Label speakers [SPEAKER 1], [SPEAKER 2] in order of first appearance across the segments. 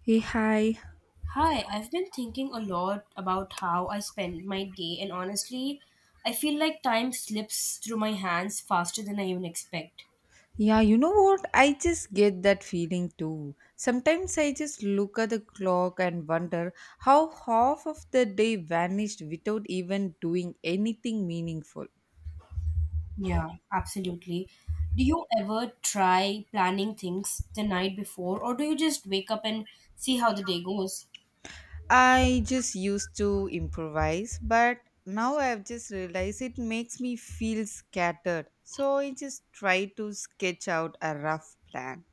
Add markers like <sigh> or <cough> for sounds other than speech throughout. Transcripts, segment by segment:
[SPEAKER 1] Hey, hi.
[SPEAKER 2] Hi, I've been thinking a lot about how I spend my day, and honestly, I feel like time slips through my hands faster than I even expect.
[SPEAKER 1] Yeah, you know what? I just get that feeling too. Sometimes I just look at the clock and wonder how half of the day vanished without even doing anything meaningful.
[SPEAKER 2] Yeah, absolutely. Do you ever try planning things the night before, or do you just wake up and see how the day goes?
[SPEAKER 1] I just used to improvise, but now I've just realized it makes me feel scattered. So I just try to sketch out a rough plan.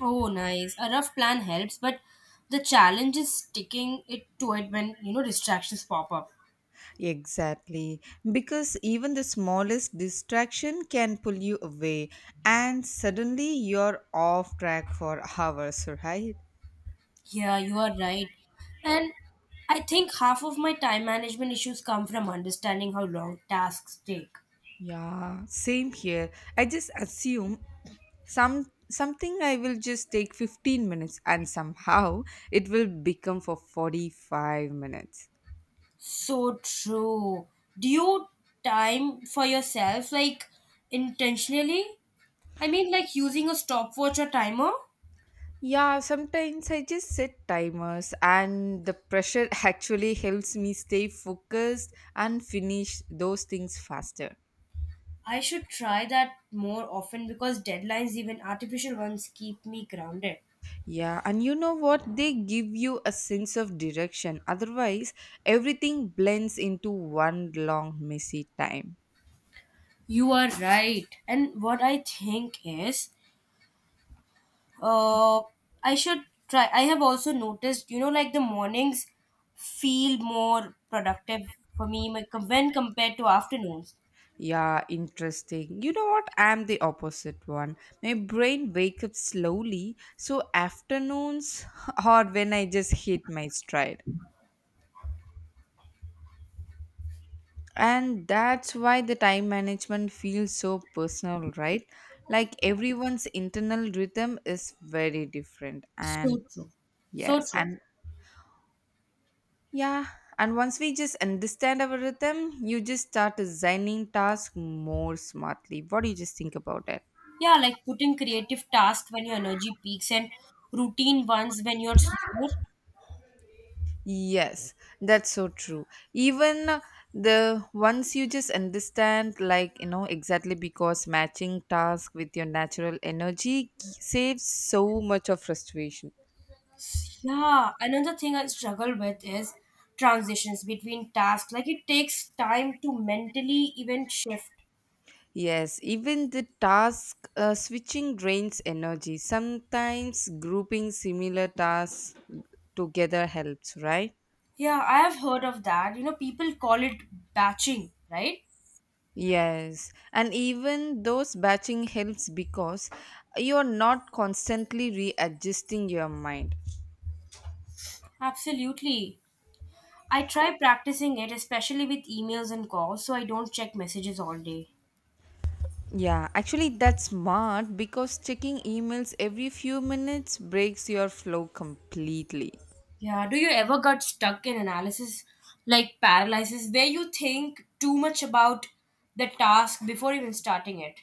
[SPEAKER 2] Oh, nice. A rough plan helps, but the challenge is sticking it to it when distractions pop up.
[SPEAKER 1] Exactly, because even the smallest distraction can pull you away, and suddenly you're off track for <laughs> hours, right?
[SPEAKER 2] Yeah, you are right. And I think half of my time management issues come from understanding how long tasks take.
[SPEAKER 1] Yeah, same here. I just assume something I will just take 15 minutes and somehow <laughs> it will become for 45 minutes.
[SPEAKER 2] So true. Do you time for yourself like intentionally? I mean, like using a stopwatch or timer?
[SPEAKER 1] Yeah, sometimes I just set timers and the pressure <laughs> actually helps me stay focused and finish those things faster.
[SPEAKER 2] I should try that more often because deadlines, even artificial ones, keep me grounded.
[SPEAKER 1] Yeah, and you know what? They give you a sense of direction. Otherwise, everything blends into one long, messy time.
[SPEAKER 2] You are right. And what I think is Uh, I should try. I have also noticed like the mornings feel more productive for me when compared to afternoons.
[SPEAKER 1] Yeah, interesting. You know what? I'm the opposite one. My brain wakes up slowly, so afternoons <laughs> or when I just hit my stride. And that's why the time management feels so personal, right? Like everyone's internal rhythm is very different.
[SPEAKER 2] So
[SPEAKER 1] And
[SPEAKER 2] true. So
[SPEAKER 1] yes,
[SPEAKER 2] true.
[SPEAKER 1] and Yeah, and once we just understand our rhythm, you just start designing tasks more smartly. What do you just think about it?
[SPEAKER 2] Yeah, like putting creative tasks when your energy peaks and routine ones when you're slower.
[SPEAKER 1] Yes, that's so true. Even the once you just understand, like you know, exactly because matching task with your natural energy saves so much of frustration.
[SPEAKER 2] Yeah, another thing I struggle with is transitions between tasks. Like it takes time to mentally even shift.
[SPEAKER 1] Yes, even the task switching drains energy. Sometimes grouping similar tasks together helps, right?
[SPEAKER 2] Yeah, I have heard of that. You know, people call it batching, right?
[SPEAKER 1] Yes, and even those batching helps because you're not constantly readjusting your mind.
[SPEAKER 2] Absolutely. I try practicing it, especially with emails and calls, so I don't check messages all day.
[SPEAKER 1] Yeah, actually, that's smart because checking emails every few minutes breaks your flow completely.
[SPEAKER 2] Yeah, do you ever get stuck in analysis like paralysis where you think too much about the task before even starting it?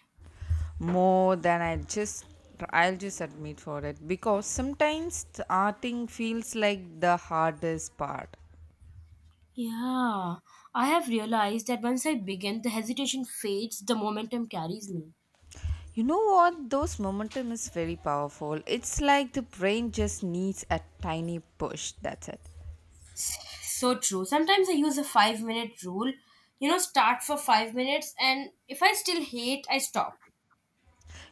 [SPEAKER 1] More than I just, I'll just admit for it because sometimes starting feels like the hardest part.
[SPEAKER 2] Yeah, I have realized that once I begin, the hesitation fades, the momentum carries me.
[SPEAKER 1] You know what? Those momentum is very powerful. It's like the brain just needs a tiny push. That's it.
[SPEAKER 2] So true. Sometimes I use a 5-minute rule, start for 5 minutes, and if I still hate, I stop.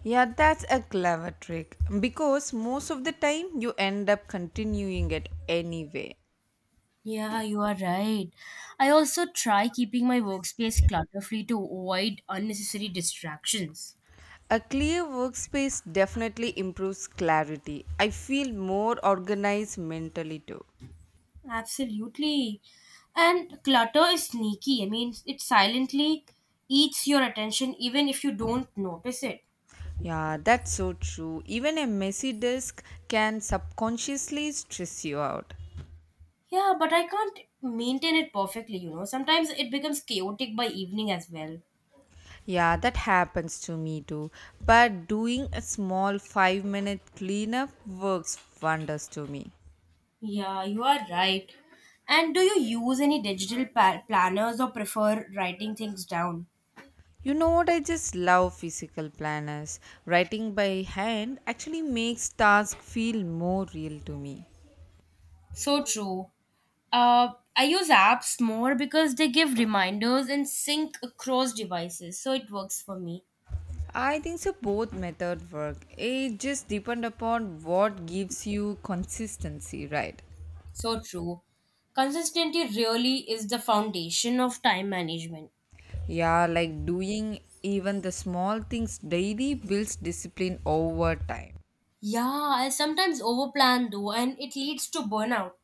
[SPEAKER 1] Yeah, that's a clever trick because most of the time you end up continuing it anyway.
[SPEAKER 2] Yeah, you are right. I also try keeping my workspace clutter free to avoid unnecessary distractions.
[SPEAKER 1] A clear workspace definitely improves clarity. I feel more organized mentally too.
[SPEAKER 2] Absolutely. And clutter is sneaky. I mean, it silently eats your attention even if you don't notice it.
[SPEAKER 1] Yeah, that's so true. Even a messy desk can subconsciously stress you out.
[SPEAKER 2] Yeah, but I can't maintain it perfectly. Sometimes it becomes chaotic by evening as well.
[SPEAKER 1] Yeah, that happens to me too. But doing a small 5-minute minute cleanup works wonders to me.
[SPEAKER 2] Yeah, you are right. And do you use any digital planners or prefer writing things down?
[SPEAKER 1] You know what? I just love physical planners. Writing by hand actually makes tasks feel more real to me.
[SPEAKER 2] So true. I use apps more because they give reminders and sync across devices, so it works for me.
[SPEAKER 1] I think so both method work. It just depend upon what gives you consistency, right?
[SPEAKER 2] So true. Consistency really is the foundation of time management.
[SPEAKER 1] Yeah, like doing even the small things daily builds discipline over time.
[SPEAKER 2] Yeah, I sometimes overplan though, and it leads to burnout.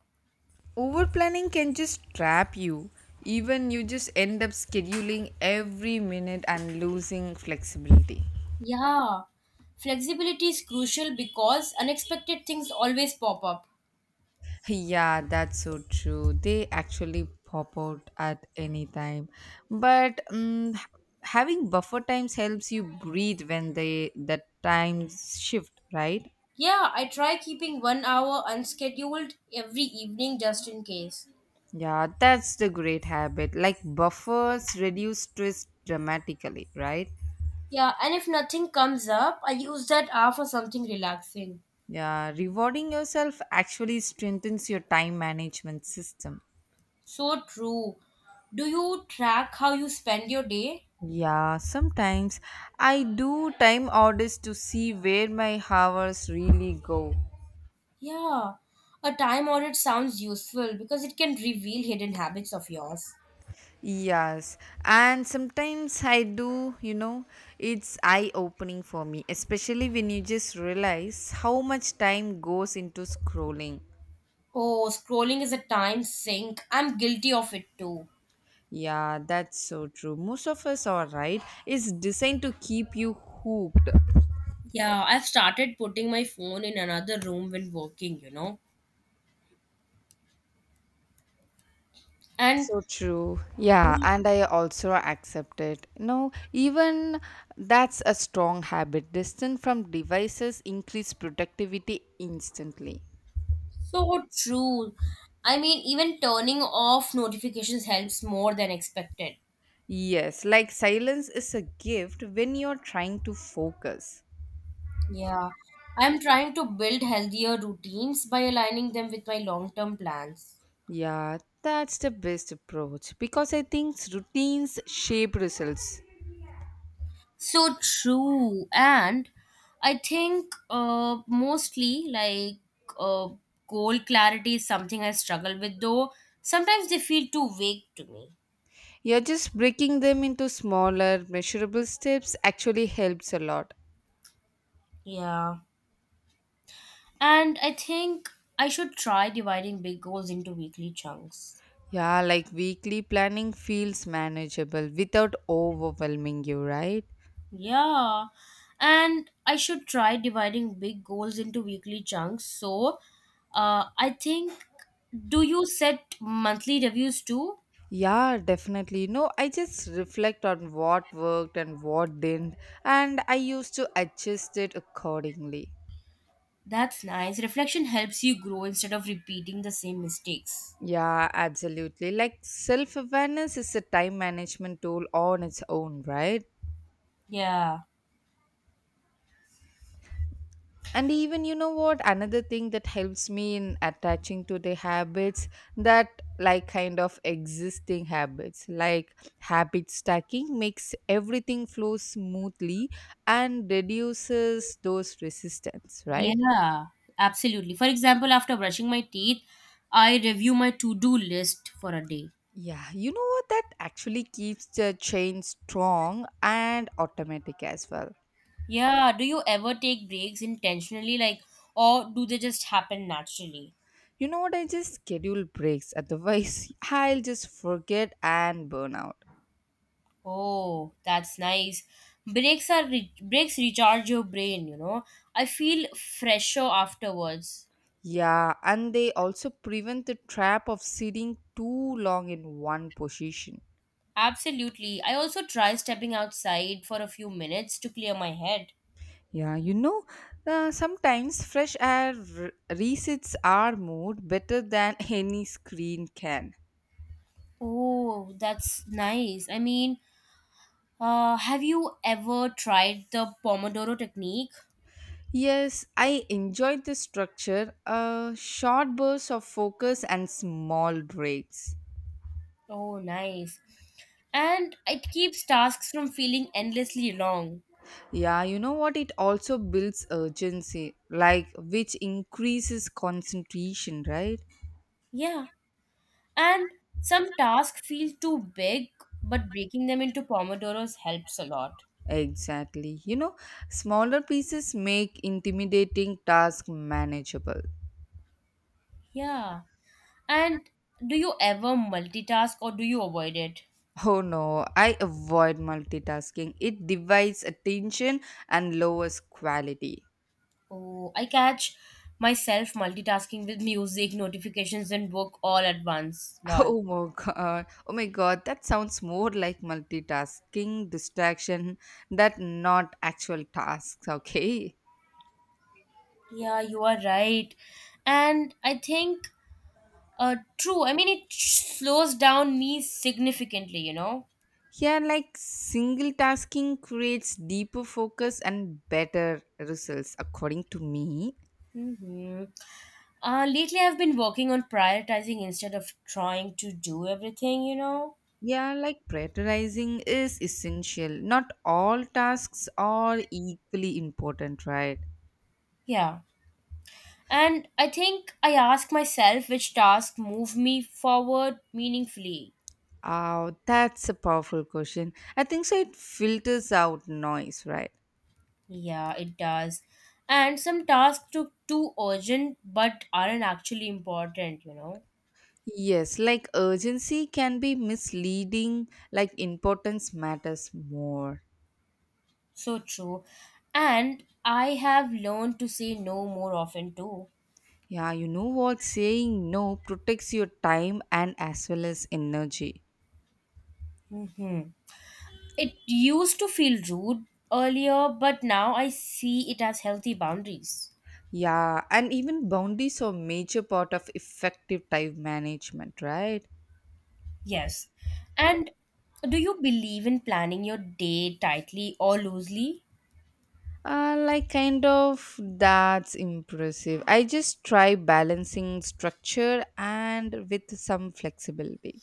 [SPEAKER 1] Over planning can just trap you. Even you just end up scheduling every minute and losing flexibility.
[SPEAKER 2] Yeah, flexibility is crucial because unexpected things always pop up.
[SPEAKER 1] Yeah, that's so true. They actually pop out at any time. But having buffer times helps you breathe when the times shift, right?
[SPEAKER 2] Yeah, I try keeping 1 hour unscheduled every evening just in case.
[SPEAKER 1] Yeah, that's the great habit. Like buffers reduce stress dramatically, right?
[SPEAKER 2] Yeah, and if nothing comes up, I use that hour for something relaxing.
[SPEAKER 1] Yeah, rewarding yourself actually strengthens your time management system.
[SPEAKER 2] So true. Do you track how you spend your day?
[SPEAKER 1] Yeah, sometimes I do time audits to see where my hours really go.
[SPEAKER 2] Yeah, a time audit sounds useful because it can reveal hidden habits of yours.
[SPEAKER 1] Yes, and sometimes I do, you know, it's eye opening for me, especially when you just realize how much time goes into scrolling.
[SPEAKER 2] Oh, scrolling is a time sink. I'm guilty of it too.
[SPEAKER 1] Yeah, that's so true. Most of us are right. It's designed to keep you hooked.
[SPEAKER 2] Yeah, I've started putting my phone in another room when working. And
[SPEAKER 1] So true. Yeah, and I also accept it. No, even that's a strong habit. Distance from devices increase productivity instantly.
[SPEAKER 2] so true. I mean, even turning off notifications helps more than expected.
[SPEAKER 1] Yes, like silence is a gift when you're trying to focus.
[SPEAKER 2] Yeah, I'm trying to build healthier routines by aligning them with my long term plans.
[SPEAKER 1] Yeah, that's the best approach because I think routines shape results.
[SPEAKER 2] So true. And I think mostly like uh, goal clarity is something I struggle with, though sometimes they feel too vague to me.
[SPEAKER 1] Yeah, just breaking them into smaller, measurable steps actually helps a lot.
[SPEAKER 2] Yeah, and I think I should try dividing big goals into weekly chunks.
[SPEAKER 1] Yeah, like weekly planning feels manageable without overwhelming you, right?
[SPEAKER 2] Yeah, and I should try dividing big goals into weekly chunks. So, I think, do you set monthly reviews too?
[SPEAKER 1] Yeah, definitely. No, I just reflect on what worked and what didn't, and I used to adjust it accordingly.
[SPEAKER 2] That's nice. Reflection helps you grow instead of repeating the same mistakes.
[SPEAKER 1] Yeah, absolutely. Like self awareness is a time management tool on its own, right?
[SPEAKER 2] Yeah,
[SPEAKER 1] And even you know what, another thing that helps me in attaching to the habits that like kind of existing habits, like habit stacking makes everything flow smoothly and reduces those resistance, right?
[SPEAKER 2] yeah, absolutely. For example, after brushing my teeth, I review my to do list for a day.
[SPEAKER 1] Yeah, you know what? That actually keeps the chain strong and automatic as well.
[SPEAKER 2] Yeah, do you ever take breaks intentionally, like, or do they just happen naturally?
[SPEAKER 1] You know what? I just schedule breaks. Otherwise, <laughs> I'll just forget and burn out.
[SPEAKER 2] Oh, that's nice. Breaks are breaks recharge your brain. I feel fresher afterwards.
[SPEAKER 1] Yeah, and they also prevent the trap of sitting too long in one position.
[SPEAKER 2] Absolutely. I also try stepping outside for a few minutes to clear my head.
[SPEAKER 1] Yeah, you know, sometimes fresh air resets our mood better than <laughs> any screen can.
[SPEAKER 2] Oh, that's nice. I mean, have you ever tried the Pomodoro technique?
[SPEAKER 1] Yes, I enjoyed the structure, short bursts of focus and small breaks.
[SPEAKER 2] Oh, nice. And it keeps tasks from feeling endlessly long.
[SPEAKER 1] Yeah, you know what? It also builds urgency, like which increases concentration, right?
[SPEAKER 2] Yeah, and some tasks feel too big, but breaking them into Pomodoros helps a lot.
[SPEAKER 1] Exactly. You know, smaller pieces make intimidating task manageable. <laughs>
[SPEAKER 2] Yeah. And do you ever multitask or do you avoid it?
[SPEAKER 1] Oh no, I avoid multitasking. It divides attention and lowers quality.
[SPEAKER 2] Oh, I catch myself multitasking with music, notifications, and book all at once.
[SPEAKER 1] <laughs>
[SPEAKER 2] Lol.
[SPEAKER 1] Oh my god. Oh my god, that sounds more like multitasking distraction that not actual tasks, <laughs> okay?
[SPEAKER 2] Yeah, you are right. And I think, true. I mean, it slows down me significantly, you know?
[SPEAKER 1] Here, like single tasking creates deeper focus and better results, according to me.
[SPEAKER 2] Mm-hmm. Lately, I've been working on prioritizing instead of trying to do everything, you know?
[SPEAKER 1] Yeah, like prioritizing is essential. Not all tasks are equally important, right?
[SPEAKER 2] Yeah. And I think I ask myself which tasks move me forward meaningfully.
[SPEAKER 1] Oh, that's a powerful question. I think so. It filters out noise, right?
[SPEAKER 2] Yeah, it does. And some tasks look too urgent but aren't actually important, you know?
[SPEAKER 1] Yes, like urgency can be misleading, like importance matters more.
[SPEAKER 2] So true. And I have learned to say no more often too.
[SPEAKER 1] Yeah, you know what? Saying no protects your time and as well as energy.
[SPEAKER 2] Hmm. It used to feel rude earlier, but now I see it as healthy boundaries.
[SPEAKER 1] Yeah, and even boundaries are major part of effective time management, right?
[SPEAKER 2] Yes. And do you believe in planning your day tightly or loosely?
[SPEAKER 1] Like kind of that's impressive. I just try balancing structure and with some flexibility.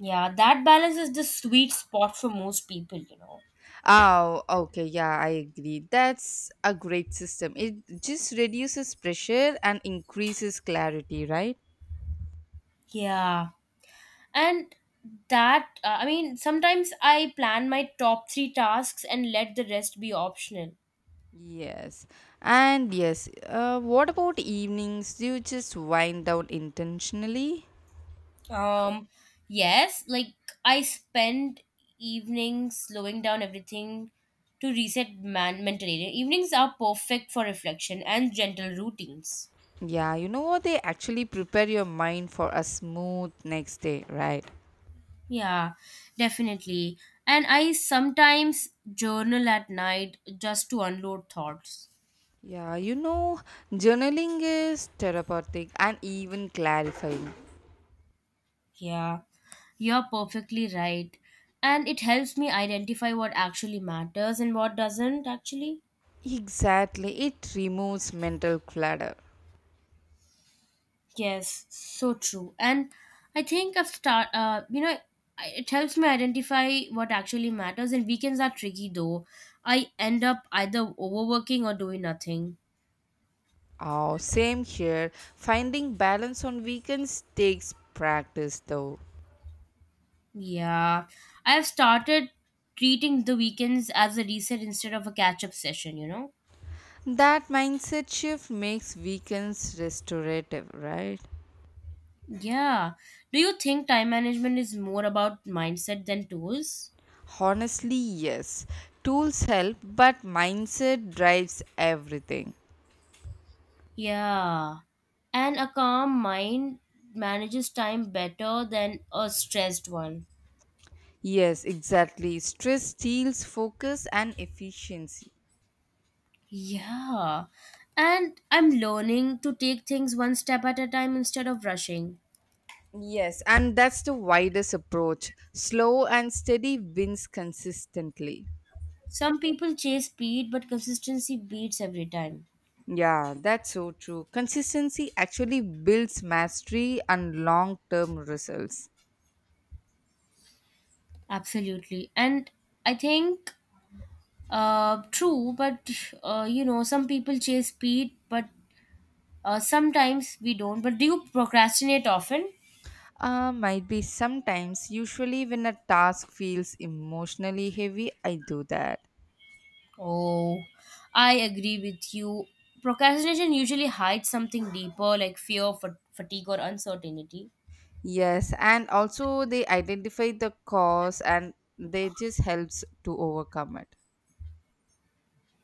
[SPEAKER 2] Yeah, that balance is the sweet spot for most people.
[SPEAKER 1] Oh, okay, yeah, I agree. That's a great system. It just reduces pressure and increases clarity, right?
[SPEAKER 2] Yeah. And that, I mean, sometimes I plan my top three tasks and let the rest be optional.
[SPEAKER 1] Yes, and yes, what about evenings? Do you just wind down intentionally?
[SPEAKER 2] Um, yes, like I spend evenings slowing down everything to reset mentally. Evenings are perfect for reflection and gentle routines.
[SPEAKER 1] Yeah, you know what? They actually prepare your mind for a smooth next day, right?
[SPEAKER 2] Yeah, definitely. And I sometimes journal at night just to unload thoughts.
[SPEAKER 1] Yeah, you know, journaling is therapeutic and even clarifying.
[SPEAKER 2] Yeah, you're perfectly right. And it helps me identify what actually matters and what doesn't actually.
[SPEAKER 1] Exactly, it removes mental clutter.
[SPEAKER 2] Yes, so true. And I think I've start it helps me identify what actually matters, and weekends are tricky though. I end up either overworking or doing nothing.
[SPEAKER 1] Oh, same here. Finding balance on weekends takes practice though.
[SPEAKER 2] Yeah, I have started treating the weekends as a reset instead of a catch up session, you know?
[SPEAKER 1] That mindset shift makes weekends restorative, right?
[SPEAKER 2] Yeah. Do you think time management is more about mindset than tools?
[SPEAKER 1] Honestly, yes. Tools help, but mindset drives everything.
[SPEAKER 2] Yeah. And a calm mind manages time better than a stressed one.
[SPEAKER 1] Yes, exactly. Stress steals focus and efficiency.
[SPEAKER 2] Yeah. And I'm learning to take things one step at a time instead of rushing.
[SPEAKER 1] Yes, and that's the widest approach. Slow and steady wins consistently.
[SPEAKER 2] Some people chase speed, but consistency beats every time.
[SPEAKER 1] Yeah, that's so true. Consistency actually builds mastery and long term results.
[SPEAKER 2] Absolutely. And I think true, but some people chase speed, but sometimes we don't. But do you procrastinate often?
[SPEAKER 1] Might be sometimes, usually, when a task feels emotionally heavy, I do that.
[SPEAKER 2] Oh, I agree with you. Procrastination usually hides something deeper, like fear, fatigue, or uncertainty.
[SPEAKER 1] Yes, and also they identify the cause and they just helps to overcome it.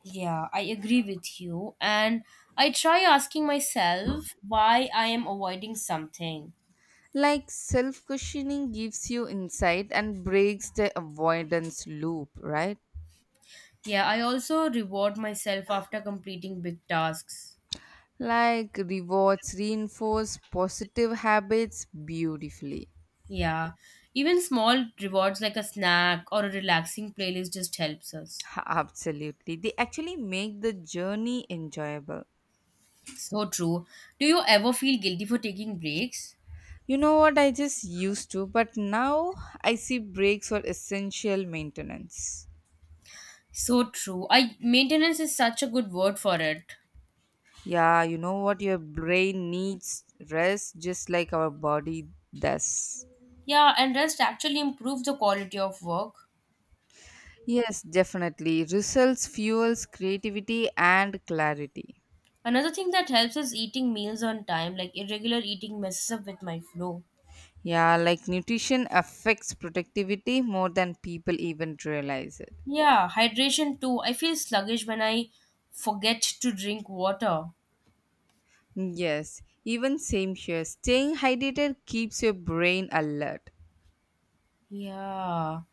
[SPEAKER 2] Yeah, I agree with you. And I try asking myself why I am avoiding something.
[SPEAKER 1] Like self questioning gives you insight and breaks the avoidance loop, right?
[SPEAKER 2] Yeah, I also reward myself after completing big tasks.
[SPEAKER 1] Like rewards reinforce positive habits beautifully.
[SPEAKER 2] Yeah, even small rewards like a snack or a relaxing playlist just helps us.
[SPEAKER 1] Absolutely. They actually make the journey enjoyable.
[SPEAKER 2] So true. Do you ever feel guilty for taking breaks?
[SPEAKER 1] You know what? I just used to, but now I see breaks for essential maintenance.
[SPEAKER 2] So true. I maintenance is such a good word for it.
[SPEAKER 1] Yeah, you know what? Your brain needs rest just like our body does.
[SPEAKER 2] Yeah, and rest actually improves the quality of work.
[SPEAKER 1] Yes, definitely. Results fuels creativity and clarity.
[SPEAKER 2] Another thing that helps is eating meals on time, like irregular eating messes up with my flow.
[SPEAKER 1] Yeah, like nutrition affects productivity more than people even realize it.
[SPEAKER 2] Yeah, hydration too. I feel sluggish when I forget to drink water.
[SPEAKER 1] Yes, even same here. Staying hydrated keeps your brain alert.
[SPEAKER 2] Yeah.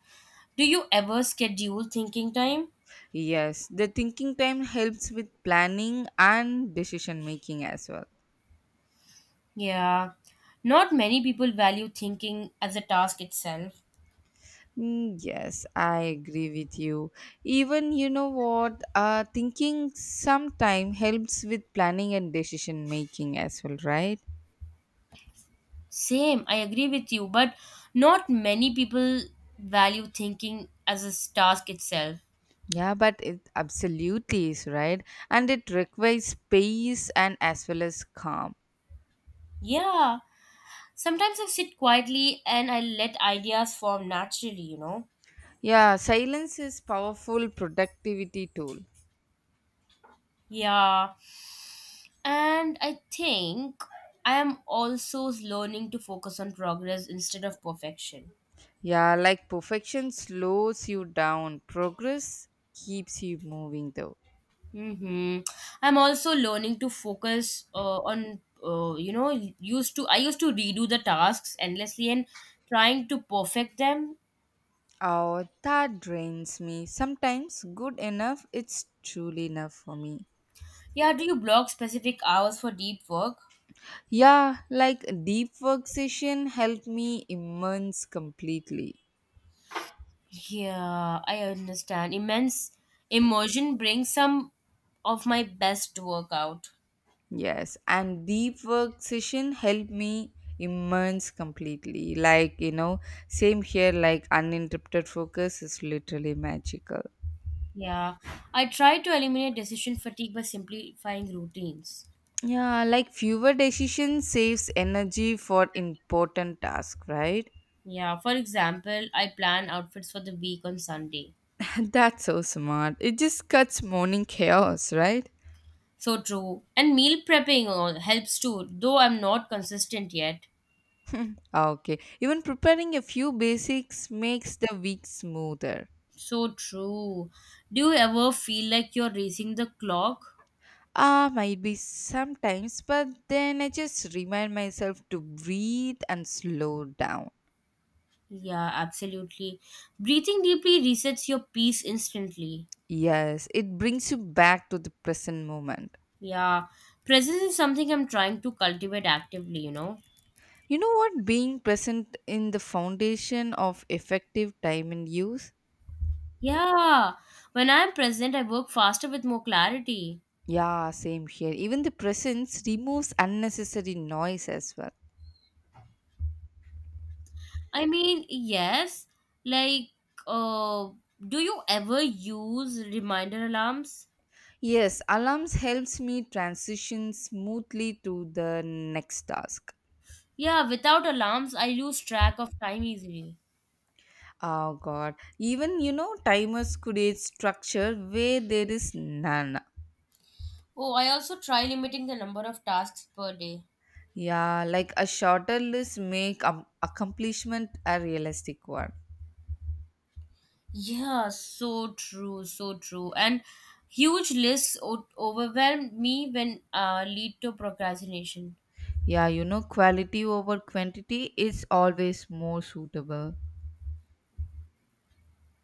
[SPEAKER 2] Do you ever schedule thinking time?
[SPEAKER 1] Yes, the thinking time helps with planning and decision making as well.
[SPEAKER 2] Yeah, not many people value thinking as a task itself.
[SPEAKER 1] Mm, yes, I agree with you. Even you know what, thinking sometime helps with planning and decision making as well, right?
[SPEAKER 2] Same, I agree with you, but not many people value thinking as a task itself.
[SPEAKER 1] Yeah, but it absolutely is right, and it requires space and as well as calm.
[SPEAKER 2] Yeah, sometimes I sit quietly and I let ideas form naturally.
[SPEAKER 1] Yeah, silence is powerful productivity tool.
[SPEAKER 2] Yeah, and I think I am also learning to focus on progress instead of perfection.
[SPEAKER 1] Yeah, like perfection slows you down, progress keeps you moving though.
[SPEAKER 2] Mm-hmm. I'm also learning to focus on you know used to I used to redo the tasks endlessly and trying to perfect them.
[SPEAKER 1] Oh, that drains me. Sometimes good enough, it's truly enough for me.
[SPEAKER 2] Yeah, do you block specific hours for deep work?
[SPEAKER 1] Yeah, like deep work session helped me immerse completely.
[SPEAKER 2] Yeah, I understand. Immense immersion brings some of my best work out.
[SPEAKER 1] Yes, and deep work session helped me immerse completely. Like, you know, same here, like uninterrupted focus is literally magical.
[SPEAKER 2] Yeah, I try to eliminate decision fatigue by simplifying routines.
[SPEAKER 1] Yeah, like fewer decisions saves energy for important task, right?
[SPEAKER 2] Yeah, for example, I plan outfits for the week on Sunday.
[SPEAKER 1] <laughs> That's so smart. It just cuts morning chaos, right?
[SPEAKER 2] So true. And meal prepping all helps too, though I'm not consistent yet.
[SPEAKER 1] Okay. Even preparing a few basics makes the week smoother.
[SPEAKER 2] So true. Do you ever feel like you're racing the clock?
[SPEAKER 1] Ah, might be sometimes, but then I just remind myself to breathe and slow down.
[SPEAKER 2] Yeah, absolutely. Breathing deeply resets your peace instantly.
[SPEAKER 1] Yes, it brings you back to the present moment.
[SPEAKER 2] Yeah. Presence is something I'm trying to cultivate actively.
[SPEAKER 1] You know what? Being present in the foundation of effective time and use.
[SPEAKER 2] Yeah. When I'm present, I work faster with more clarity.
[SPEAKER 1] Yeah, same here. Even the presence removes unnecessary noise as well.
[SPEAKER 2] I mean, yes. Like, uh, do you ever use reminder alarms?
[SPEAKER 1] Yes, alarms helps me transition smoothly to the next task.
[SPEAKER 2] Yeah, without alarms, I lose track of time easily.
[SPEAKER 1] Oh God. Even, you know, timers create structure where there is none.
[SPEAKER 2] Oh, I also try limiting the number of tasks per day.
[SPEAKER 1] Yeah, like a shorter list make accomplishment a realistic one.
[SPEAKER 2] Yeah, so true, so true. And huge lists overwhelm me when lead to procrastination.
[SPEAKER 1] Yeah, you know, quality over quantity is always more suitable.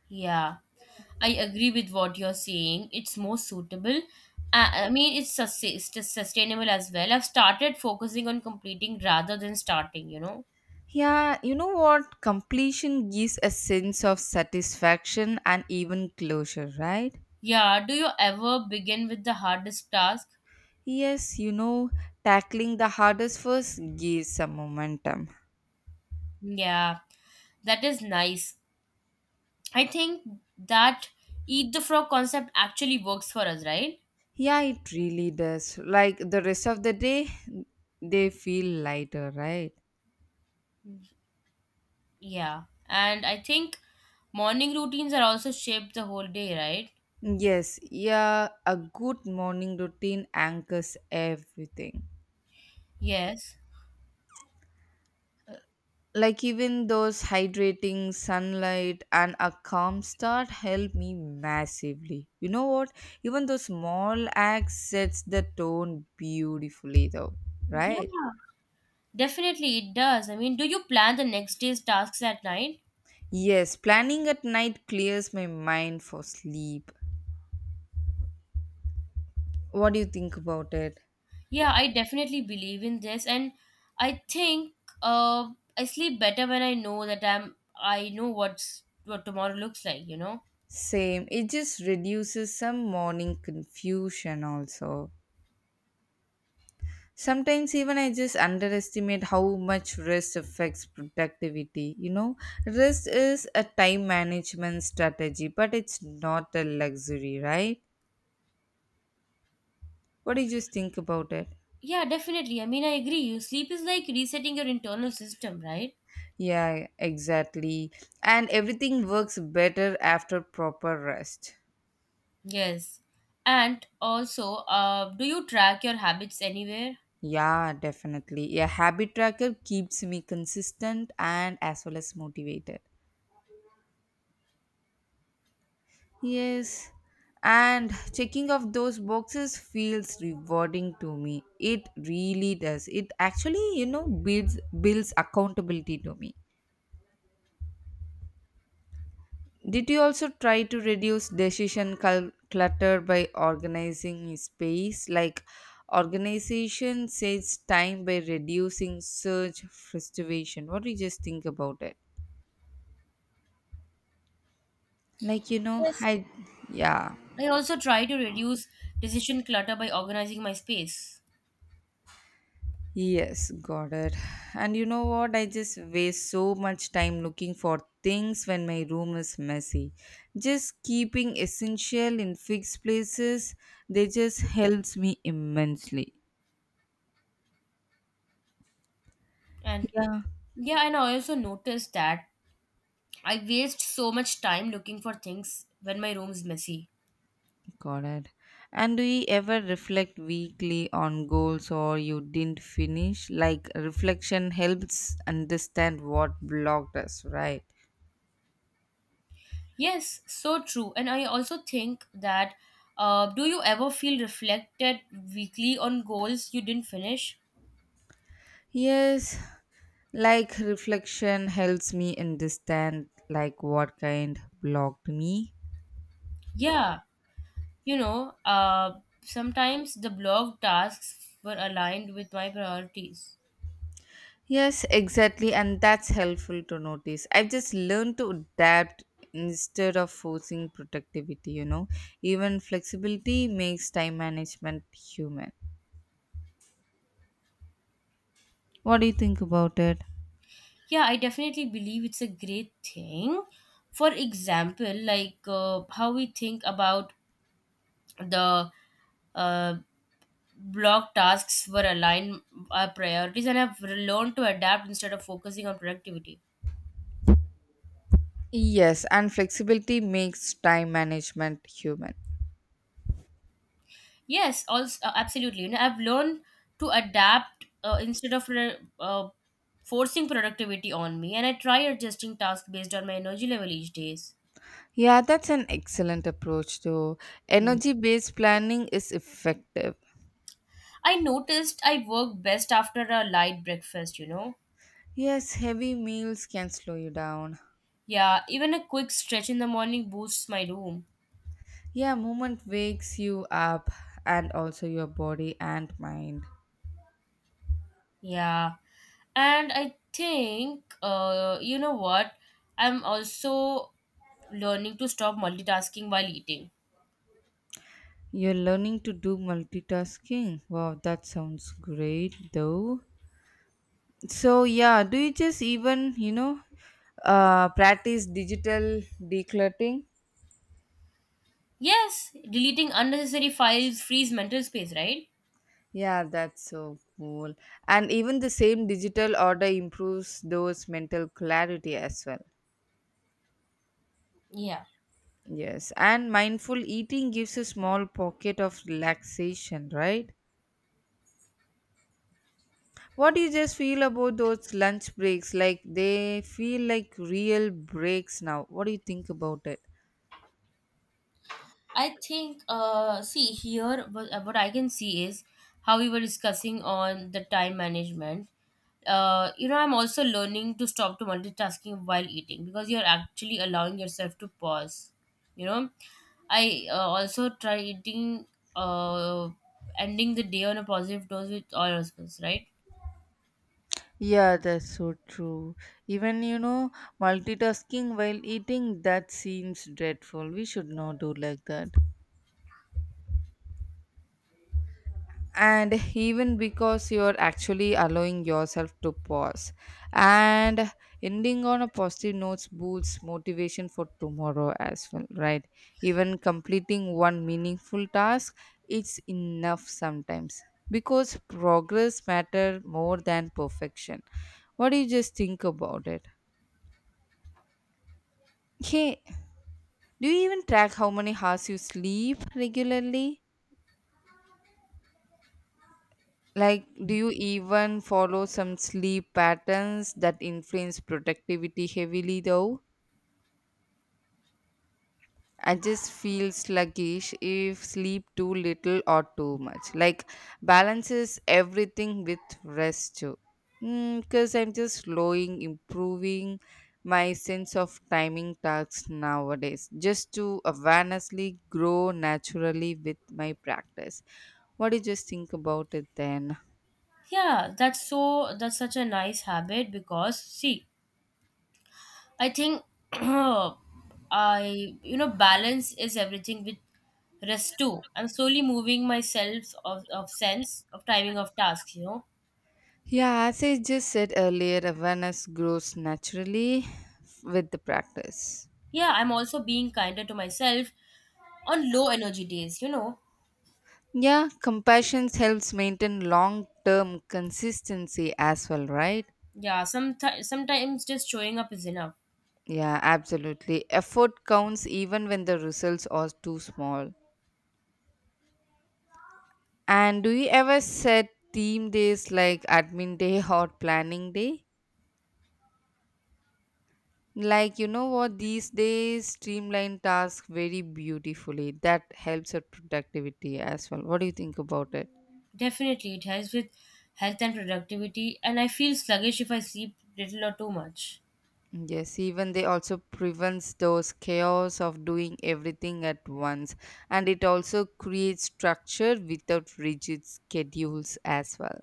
[SPEAKER 2] Yeah, I agree with what you're saying. It's more suitable. I mean, it's sustainable as well. I've started focusing on completing rather than starting.
[SPEAKER 1] Yeah, you know what? Completion gives a sense of satisfaction and even closure, right?
[SPEAKER 2] Yeah, do you ever begin with the hardest task?
[SPEAKER 1] Yes, you know, tackling the hardest first gives some momentum.
[SPEAKER 2] Yeah, that is nice. I think that eat the frog concept actually works for us, right?
[SPEAKER 1] Yeah, it really does. Like the rest of the day, they feel lighter, right?
[SPEAKER 2] Yeah. And I think morning routines are also shaped the whole day, right?
[SPEAKER 1] Yes, yeah, a good morning routine anchors everything.
[SPEAKER 2] Yes.
[SPEAKER 1] Like even those hydrating sunlight and a calm start help me massively. You know what? Even those small acts sets the tone beautifully though, right?
[SPEAKER 2] Yeah, definitely it does. I mean, do you plan the next day's tasks at night?
[SPEAKER 1] Yes, planning at night clears my mind for sleep. What do you think about it?
[SPEAKER 2] Yeah, I definitely believe in this, and I think uh, I sleep better when I know that I know what tomorrow looks like.
[SPEAKER 1] Same. It just reduces some morning confusion also. Sometimes even I just underestimate how much rest affects productivity. You know, rest is a time management strategy, but it's not a luxury, right? What do you just think about it?
[SPEAKER 2] Yeah, definitely. I mean, I agree. You sleep is like resetting your internal system, right?
[SPEAKER 1] Yeah, exactly. And everything works better after proper rest.
[SPEAKER 2] Yes. And also, do you track your habits anywhere?
[SPEAKER 1] Yeah, definitely. A habit tracker keeps me consistent and as well as motivated. Yes, and checking of those boxes feels rewarding to me. It really does. It actually, you know, builds accountability to me. Did you also try to reduce decision clutter by organizing space? Like organization saves time by reducing search frustration. What do you just think about it? Like you know,
[SPEAKER 2] Yes.
[SPEAKER 1] I yeah.
[SPEAKER 2] I also try to reduce decision clutter by organizing my space.
[SPEAKER 1] Yes, got it. And you know what? I just waste so much time looking for things when my room is messy. Just keeping essential in fixed places, they just helps me immensely.
[SPEAKER 2] And
[SPEAKER 1] Yeah,
[SPEAKER 2] yeah, and I also noticed that I waste so much time looking for things when my room is messy.
[SPEAKER 1] got it. And do you ever reflect weekly on goals or you didn't finish? Like reflection helps understand what blocked us, right?
[SPEAKER 2] Yes, so true. And I also think that do you ever feel reflected weekly on goals you didn't finish?
[SPEAKER 1] Yes, like reflection helps me understand like what kind blocked me.
[SPEAKER 2] Yeah, You know, uh, sometimes the blog tasks were aligned with my priorities.
[SPEAKER 1] Yes, exactly, and that's helpful to notice. I've just learned to adapt instead of forcing productivity. Even flexibility makes time management human. What do you think about it?
[SPEAKER 2] Yeah, I definitely believe it's a great thing. For example, like how we think about the uh, blog tasks were aligned our priorities, and I have learned to adapt instead of focusing on productivity.
[SPEAKER 1] Yes, and flexibility makes time management human.
[SPEAKER 2] Yes, also, absolutely. I've learned to adapt instead of forcing productivity on me, and I try adjusting tasks based on my energy level each days.
[SPEAKER 1] Yeah, that's an excellent approach, too.
[SPEAKER 2] Mm.
[SPEAKER 1] Energy based planning is effective.
[SPEAKER 2] I noticed I work best after a light breakfast. You know,
[SPEAKER 1] Yes, heavy meals can slow you down.
[SPEAKER 2] yeah, even a quick stretch in the morning boosts my room.
[SPEAKER 1] Yeah, movement wakes you up and also your body and mind.
[SPEAKER 2] Yeah, and I think you know what? I'm also learning to stop multitasking while eating.
[SPEAKER 1] You're learning to do multitasking. Wow, that sounds great though. So, yeah, do you just even, practice digital decluttering?
[SPEAKER 2] Yes, deleting unnecessary files frees mental space, right?
[SPEAKER 1] Yeah, that's so cool. And even the same digital order improves those mental clarity as well.
[SPEAKER 2] Yeah.
[SPEAKER 1] Yes, and mindful eating gives a small pocket of relaxation, right? What do you just feel about those lunch breaks? Like they feel like real breaks now. What do you think about it?
[SPEAKER 2] I think, see, here, what I can see is how we were discussing on the time management. I'm also learning to stop to multitasking while eating because you're actually allowing yourself to pause. You know, I also try eating, uh, ending the day on a positive dose with all husbands, right?
[SPEAKER 1] Yeah, that's so true. Even multitasking while eating that seems dreadful. We should not do like that. And even because you're actually allowing yourself to pause and ending on a positive notes boosts motivation for tomorrow as well, right? Even completing one meaningful task, it's enough sometimes, because progress matter more than perfection. What do you just think about it? Hey, do you even track how many hours you sleep regularly? Like, do you even follow some sleep patterns that influence productivity heavily, though? I just feel sluggish if sleep too little or too much. Like, balances everything with rest too. Because I'm just slowing, improving my sense of timing tasks nowadays, just to awarenessly grow naturally with my practice. What do you just think about it then?
[SPEAKER 2] Yeah, that's such a nice habit because see, I think <clears throat> balance is everything with rest too. I'm slowly moving myself of sense of timing of tasks.
[SPEAKER 1] Yeah, as I just said earlier, awareness grows naturally with the practice.
[SPEAKER 2] Yeah, I'm also being kinder to myself on low energy days.
[SPEAKER 1] Yeah, compassion helps maintain long term consistency as well, right?
[SPEAKER 2] Yeah, sometimes just showing up is enough.
[SPEAKER 1] Yeah, absolutely. Effort counts even when the results are too small. And do you ever set theme days like admin day <laughs> or planning day? Like, you know what, these days streamline tasks very beautifully. That helps our productivity as well. What do you think about it?
[SPEAKER 2] Definitely, it helps with health and productivity, and I feel sluggish if I sleep little or too much.
[SPEAKER 1] Yes, even they also prevents those chaos of doing everything at once, and it also creates structure without rigid schedules as well.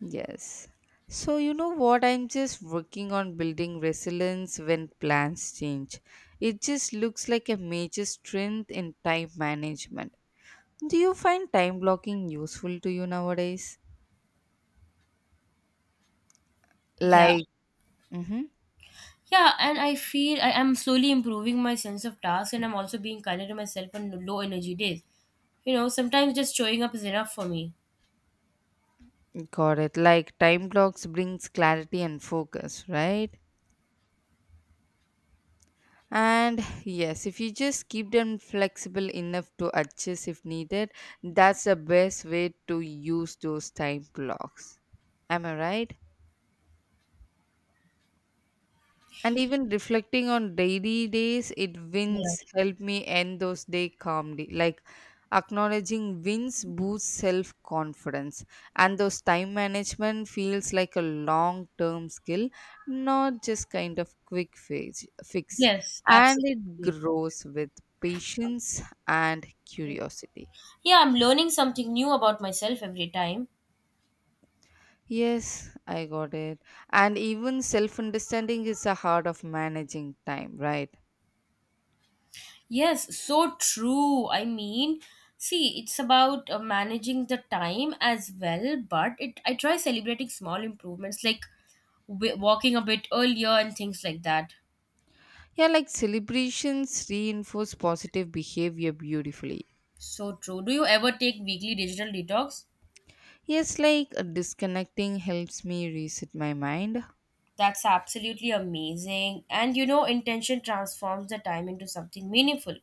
[SPEAKER 1] Yes. So, you know what? I'm just working on building resilience when plans change. It just looks like a major strength in time management. Do you find time blocking useful to you nowadays?
[SPEAKER 2] Yeah.
[SPEAKER 1] Like, mm-hmm,
[SPEAKER 2] Yeah, and I feel I am slowly improving my sense of task, and I'm also being kinder to myself on low energy days. Sometimes just showing up is enough for me.
[SPEAKER 1] got it. Like, time blocks brings clarity and focus, right? And yes, if you just keep them flexible enough to adjust if needed, that's the best way to use those time blocks. Am I right? And even reflecting on daily days, it
[SPEAKER 2] Yeah.
[SPEAKER 1] wins help me end those day calmly. Like acknowledging wins boosts self confidence, and those time management feels like a long term skill, not just kind of quick fix.
[SPEAKER 2] Yes,
[SPEAKER 1] And it
[SPEAKER 2] absolutely.
[SPEAKER 1] grows with patience and curiosity.
[SPEAKER 2] Yeah, I'm learning something new about myself every time.
[SPEAKER 1] Yes, I got it. And even self understanding is the heart of managing time, right?
[SPEAKER 2] Yes, so true. I mean, see, it's about managing the time as well, but it I try celebrating small improvements like walking a bit earlier and things like that.
[SPEAKER 1] Yeah, like celebrations reinforce positive behavior beautifully.
[SPEAKER 2] So true. Do you ever take weekly digital detox?
[SPEAKER 1] Yes, like disconnecting helps me reset my mind.
[SPEAKER 2] That's absolutely amazing. And intention transforms the time into something meaningful.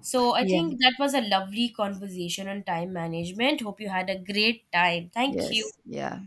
[SPEAKER 2] So I
[SPEAKER 1] Yeah.
[SPEAKER 2] think that was a lovely conversation on time management. Hope you had a great time. Thank you.
[SPEAKER 1] Yes, yeah.